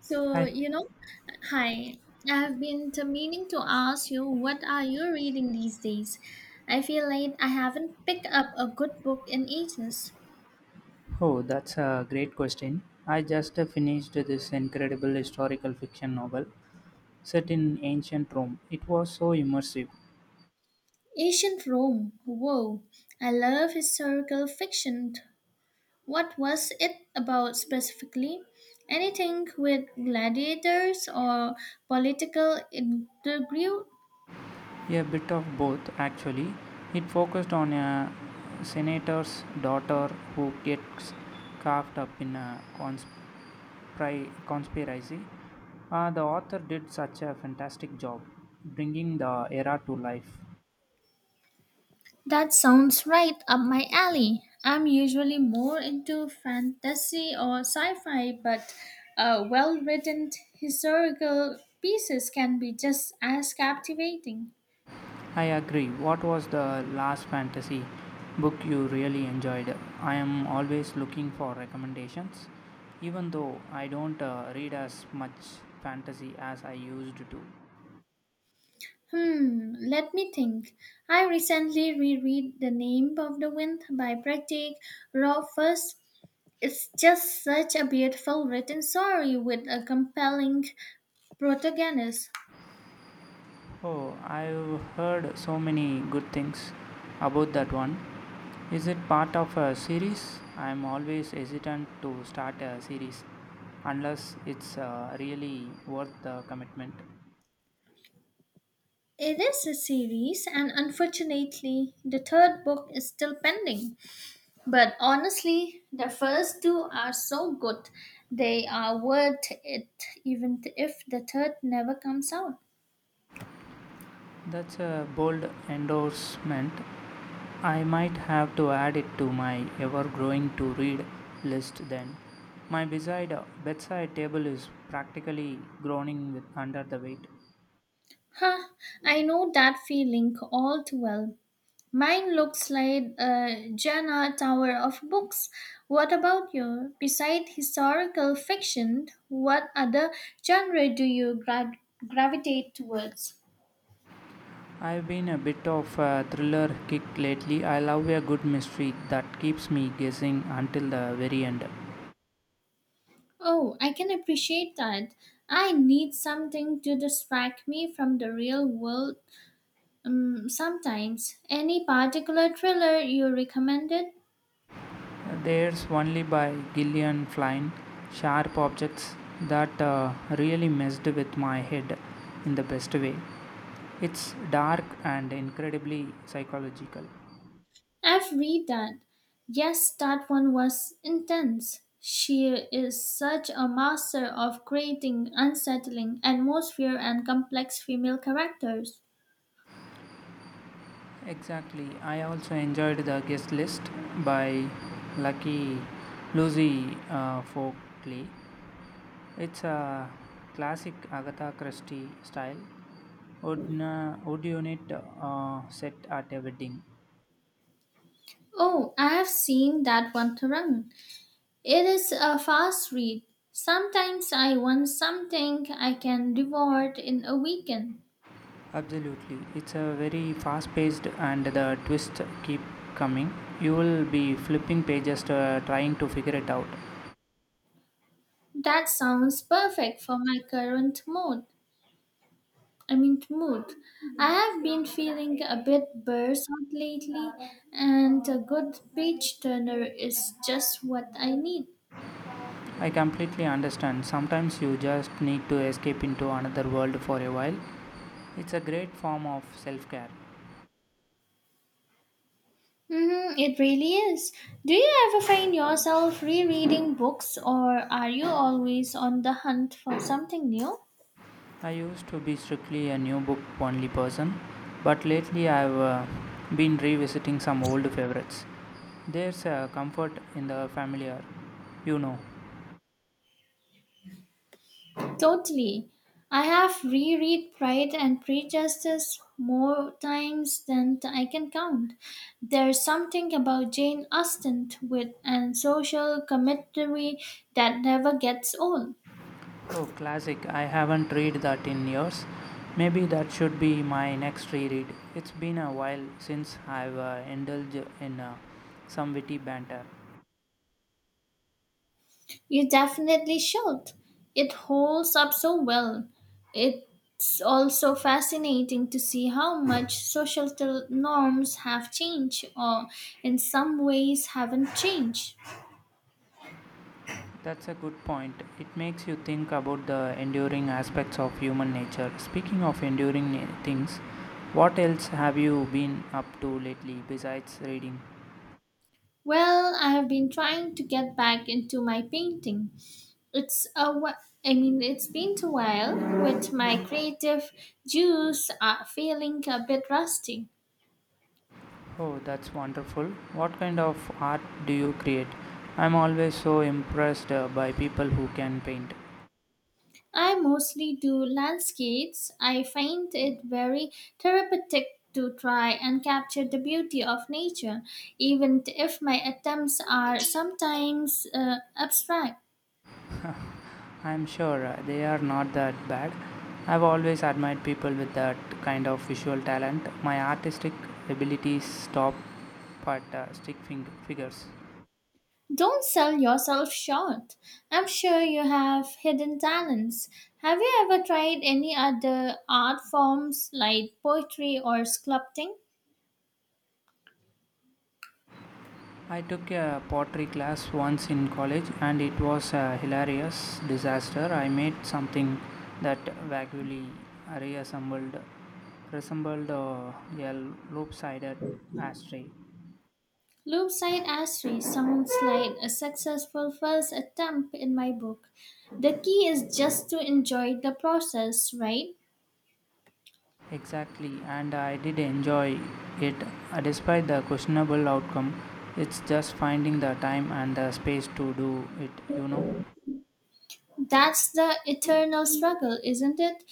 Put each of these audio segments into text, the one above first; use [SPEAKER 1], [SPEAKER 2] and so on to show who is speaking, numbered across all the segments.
[SPEAKER 1] So,
[SPEAKER 2] Hi.
[SPEAKER 1] you know, Hi, I've been to meaning to ask you, what are you reading these days? I feel like I haven't picked up a good book in ages.
[SPEAKER 2] Oh, that's a great question. I just finished this incredible historical fiction novel set in ancient Rome. It was so immersive.
[SPEAKER 1] Ancient Rome. Whoa. I love historical fiction. What was it about specifically? Anything with gladiators or political intrigue?
[SPEAKER 2] A bit of both, actually. It focused on a senator's daughter who gets caught up in a conspiracy. The author did such a fantastic job bringing the era to life.
[SPEAKER 1] That sounds right up my alley. I'm usually more into fantasy or sci fi, but well written historical pieces can be just as captivating.
[SPEAKER 2] I agree. What was the last fantasy book you really enjoyed? I am always looking for recommendations, even though I don't read as much fantasy as I used to.
[SPEAKER 1] Let me think. I recently reread The Name of the Wind by Pratik Rothfuss. It's just such a beautiful written story with a compelling protagonist.
[SPEAKER 2] Oh, I've heard so many good things about that one. Is it part of a series? I'm always hesitant to start a series unless it's really worth the commitment.
[SPEAKER 1] It is a series, and unfortunately, the third book is still pending. But honestly, the first two are so good, they are worth it, even if the third never comes out.
[SPEAKER 2] That's a bold endorsement. I might have to add it to my ever growing to read list then. My beside bedside table is practically groaning with under the weight.
[SPEAKER 1] Huh, I know that feeling all too well. Mine looks like a Jana Tower of books. What about you? Beside historical fiction, what other genre do you gravitate towards?
[SPEAKER 2] I've been a bit of a thriller kick lately. I love a good mystery that keeps me guessing until the very end.
[SPEAKER 1] Oh, I can appreciate that. I need something to distract me from the real world sometimes. Any particular thriller you recommended?
[SPEAKER 2] There's only by Gillian Flynn, sharp objects that really messed with my head in the best way. It's dark and incredibly psychological.
[SPEAKER 1] I've read that. Yes, that one was intense. She is such a master of creating unsettling atmosphere and complex female characters.
[SPEAKER 2] Exactly. I also enjoyed the guest list by Lucky Lucy Folkley. It's a classic Agatha Christie style odd unit set at a wedding.
[SPEAKER 1] Oh, I have seen that one, Tarang. It is a fast read. Sometimes I want something I can devour in a weekend.
[SPEAKER 2] Absolutely. It's a very fast paced and the twists keep coming. You will be flipping pages to, trying to figure it out.
[SPEAKER 1] That sounds perfect for my current mood. I mean mood. I have been feeling a bit burst out lately, and a good page turner is just what I need.
[SPEAKER 2] I completely understand. Sometimes you just need to escape into another world for a while. It's a great form of self care.
[SPEAKER 1] Mm-hmm, it really is. Do you ever find yourself rereading books, or are you always on the hunt for something new?
[SPEAKER 2] I used to be strictly a new book only person, but lately I've been revisiting some old favorites. There's a comfort in the familiar, you know.
[SPEAKER 1] Totally. I have reread Pride and Prejudice more times than I can count. There's something about Jane Austen with and social commentary that never gets old.
[SPEAKER 2] Oh, classic. I haven't read that in years. Maybe that should be my next reread. It's been a while since I've indulged in some witty banter.
[SPEAKER 1] You definitely should. It holds up so well. It's also fascinating to see how much social norms have changed or in some ways haven't changed.
[SPEAKER 2] That's a good point. It makes you think about the enduring aspects of human nature. Speaking of enduring things, what else have you been up to lately besides reading?
[SPEAKER 1] Well, I have been trying to get back into my painting. It's a wh- I mean, It's been a while with my creative juice are feeling a bit rusty.
[SPEAKER 2] Oh, that's wonderful. What kind of art do you create? I'm always so impressed by people who can paint.
[SPEAKER 1] I mostly do landscapes. I find it very therapeutic to try and capture the beauty of nature, even if my attempts are sometimes abstract.
[SPEAKER 2] I'm sure they are not that bad. I've always admired people with that kind of visual talent. My artistic abilities stop at stick figures.
[SPEAKER 1] Don't sell yourself short. I'm sure you have hidden talents. Have you ever tried any other art forms like poetry or sculpting?
[SPEAKER 2] I took a pottery class once in college and it was a hilarious disaster. I made something that vaguely reassembled resembled a loop-sided ashtray.
[SPEAKER 1] Loopside Asri sounds like a successful first attempt in my book. The key is just to enjoy the process, right?
[SPEAKER 2] Exactly, and I did enjoy it despite the questionable outcome. It's just finding the time and the space to do it, you know.
[SPEAKER 1] That's the eternal struggle, isn't it?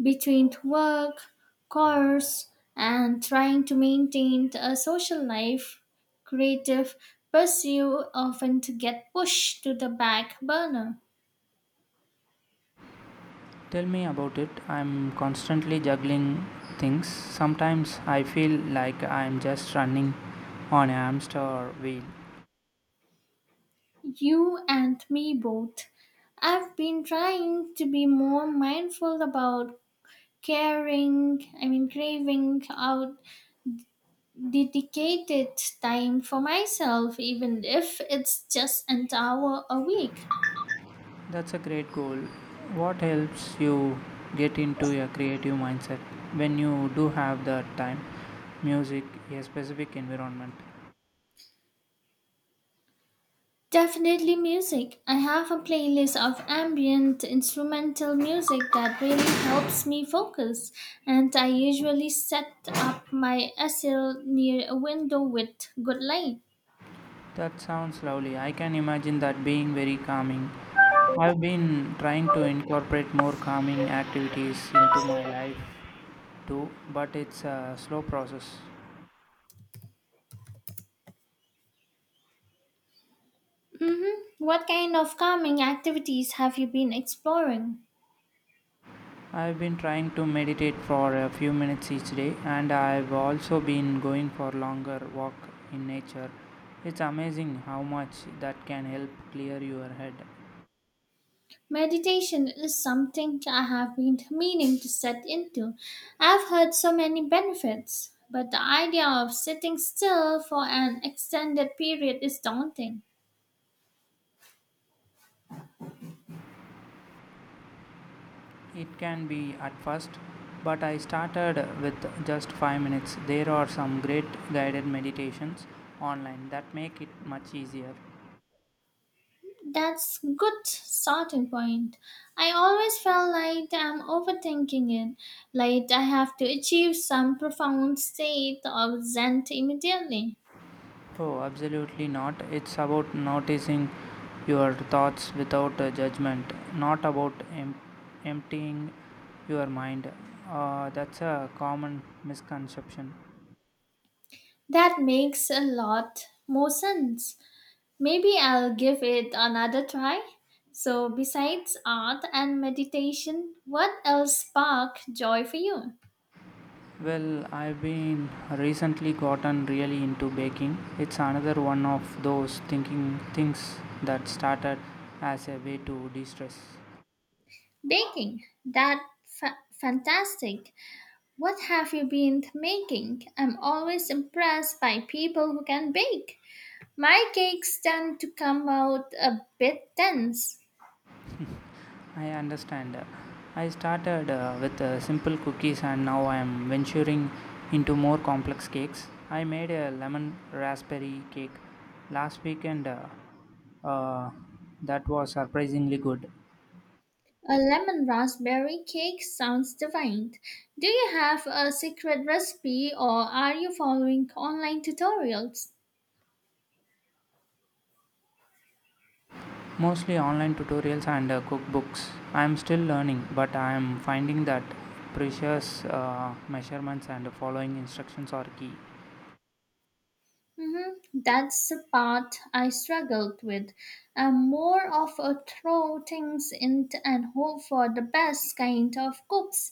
[SPEAKER 1] Between work, course, and trying to maintain a social life, creative pursuit often to get pushed to the back burner.
[SPEAKER 2] Tell me about it. I'm constantly juggling things. Sometimes I feel like I'm just running on a hamster wheel.
[SPEAKER 1] You and me both. I've been trying to be more mindful about craving out dedicated time for myself, even if it's just an hour a week.
[SPEAKER 2] That's a great goal. What helps you get into a creative mindset when you do have the time? Music, a specific environment.
[SPEAKER 1] Definitely music. I have a playlist of ambient instrumental music that really helps me focus, and I usually set up my easel near a window with good light.
[SPEAKER 2] That sounds lovely. I can imagine that being very calming. I've been trying to incorporate more calming activities into my life too, but it's a slow process.
[SPEAKER 1] What kind of calming activities have you been exploring?
[SPEAKER 2] I've been trying to meditate for a few minutes each day, and I've also been going for longer walk in nature. It's amazing how much that can help clear your head.
[SPEAKER 1] Meditation is something I have been meaning to set into. I've heard so many benefits, but the idea of sitting still for an extended period is daunting.
[SPEAKER 2] It can be at first, but I started with just 5 minutes. There are some great guided meditations online that make it much easier.
[SPEAKER 1] That's good starting point. I always felt like I'm overthinking it, like I have to achieve some profound state of Zen immediately.
[SPEAKER 2] Oh, absolutely not. It's about noticing your thoughts without judgment, not about emptying your mind. That's a common misconception.
[SPEAKER 1] That makes a lot more sense. Maybe I'll give it another try. So besides art and meditation, what else spark joy for you?
[SPEAKER 2] Well, I've been recently gotten really into baking. It's another one of those thinking things that started as a way to de-stress.
[SPEAKER 1] Baking. Fantastic. What have you been making? I'm always impressed by people who can bake. My cakes tend to come out a bit dense.
[SPEAKER 2] I understand. I started with simple cookies and now I am venturing into more complex cakes. I made a lemon raspberry cake last weekend uh, that was surprisingly good.
[SPEAKER 1] A lemon raspberry cake sounds divine. Do you have a secret recipe or are you following online tutorials?
[SPEAKER 2] Mostly online tutorials and cookbooks. I am still learning, but I am finding that precious measurements and following instructions are key.
[SPEAKER 1] That's the part I struggled with. I'm more of a throw things in and hope for the best kind of cooks.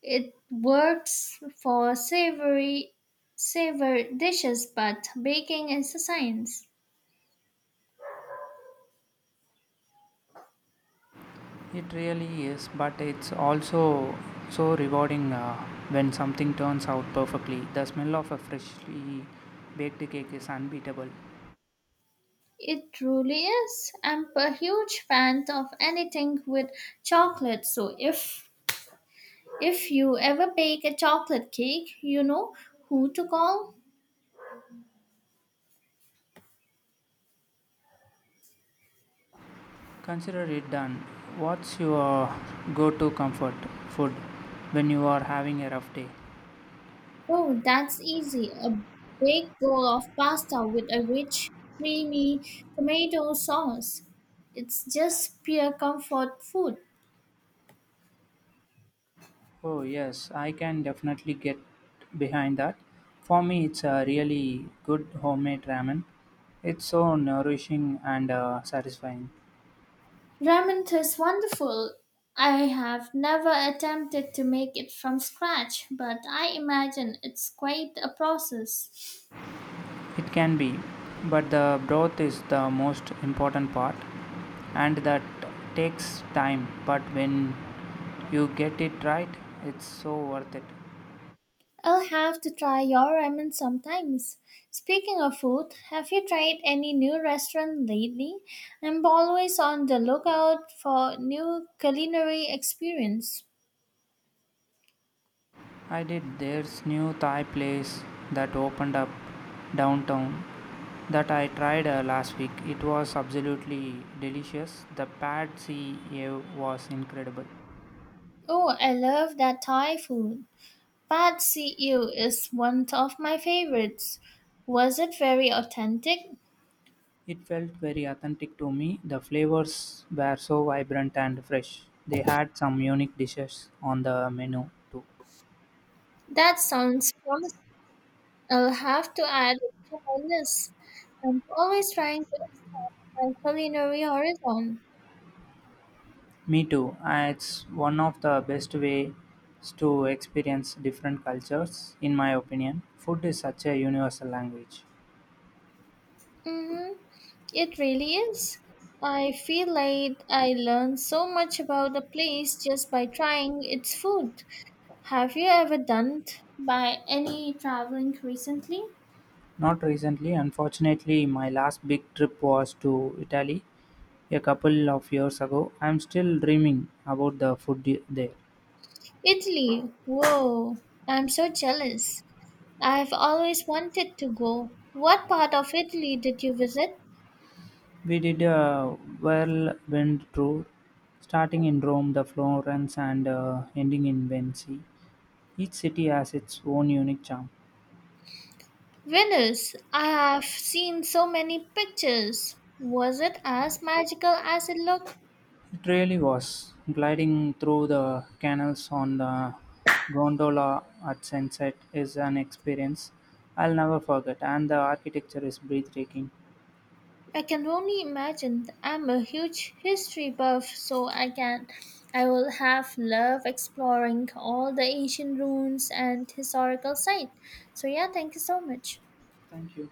[SPEAKER 1] It works for savory savor dishes, but baking is a science.
[SPEAKER 2] It really is, but it's also so rewarding when something turns out perfectly. The smell of a freshly baked cake is unbeatable.
[SPEAKER 1] It truly is. I'm a huge fan of anything with chocolate. So if you ever bake a chocolate cake, you know who to call.
[SPEAKER 2] Consider it done. What's your go to comfort food when you are having a rough day?
[SPEAKER 1] Oh, that's easy. A big bowl of pasta with a rich, creamy tomato sauce. It's just pure comfort food.
[SPEAKER 2] Oh, yes, I can definitely get behind that. For me, it's a really good homemade ramen. It's so nourishing and satisfying.
[SPEAKER 1] Ramen is wonderful. I have never attempted to make it from scratch, but I imagine it's quite a process.
[SPEAKER 2] It can be, but the broth is the most important part and that takes time. But when you get it right, it's so worth it.
[SPEAKER 1] I'll have to try your ramen sometimes. Speaking of food, have you tried any new restaurant lately? I'm always on the lookout for new culinary experience.
[SPEAKER 2] I did there's new Thai place that opened up downtown that I tried last week. It was absolutely delicious. The pad see ew was incredible.
[SPEAKER 1] Oh, I love that Thai food. Pad See Ew is one of my favorites. Was it very authentic?
[SPEAKER 2] It felt very authentic to me. The flavors were so vibrant and fresh. They had some unique dishes on the menu too.
[SPEAKER 1] That sounds promising. I'll have to add it to my list. I'm always trying to expand my culinary horizon.
[SPEAKER 2] Me too. It's one of the best ways to experience different cultures, in my opinion. Food is such a universal language.
[SPEAKER 1] Mm-hmm. It really is. I feel like I learned so much about a place just by trying its food. Have you ever done by any traveling recently?
[SPEAKER 2] Not recently, unfortunately, my last big trip was to Italy a couple of years ago. I'm still dreaming about the food there.
[SPEAKER 1] Italy. Whoa, I'm so jealous. I've always wanted to go. What part of Italy did you visit?
[SPEAKER 2] We did a whirlwind tour, starting in Rome, the Florence, and ending in Venice. Each city has its own unique charm.
[SPEAKER 1] Venice, I have seen so many pictures. Was it as magical as it looked?
[SPEAKER 2] It really was. Gliding through the canals on the gondola at sunset is an experience I'll never forget, and the architecture is breathtaking.
[SPEAKER 1] I can only imagine. I'm a huge history buff, so I will have love exploring all the ancient ruins and historical sites. So yeah, thank you so much.
[SPEAKER 2] Thank you.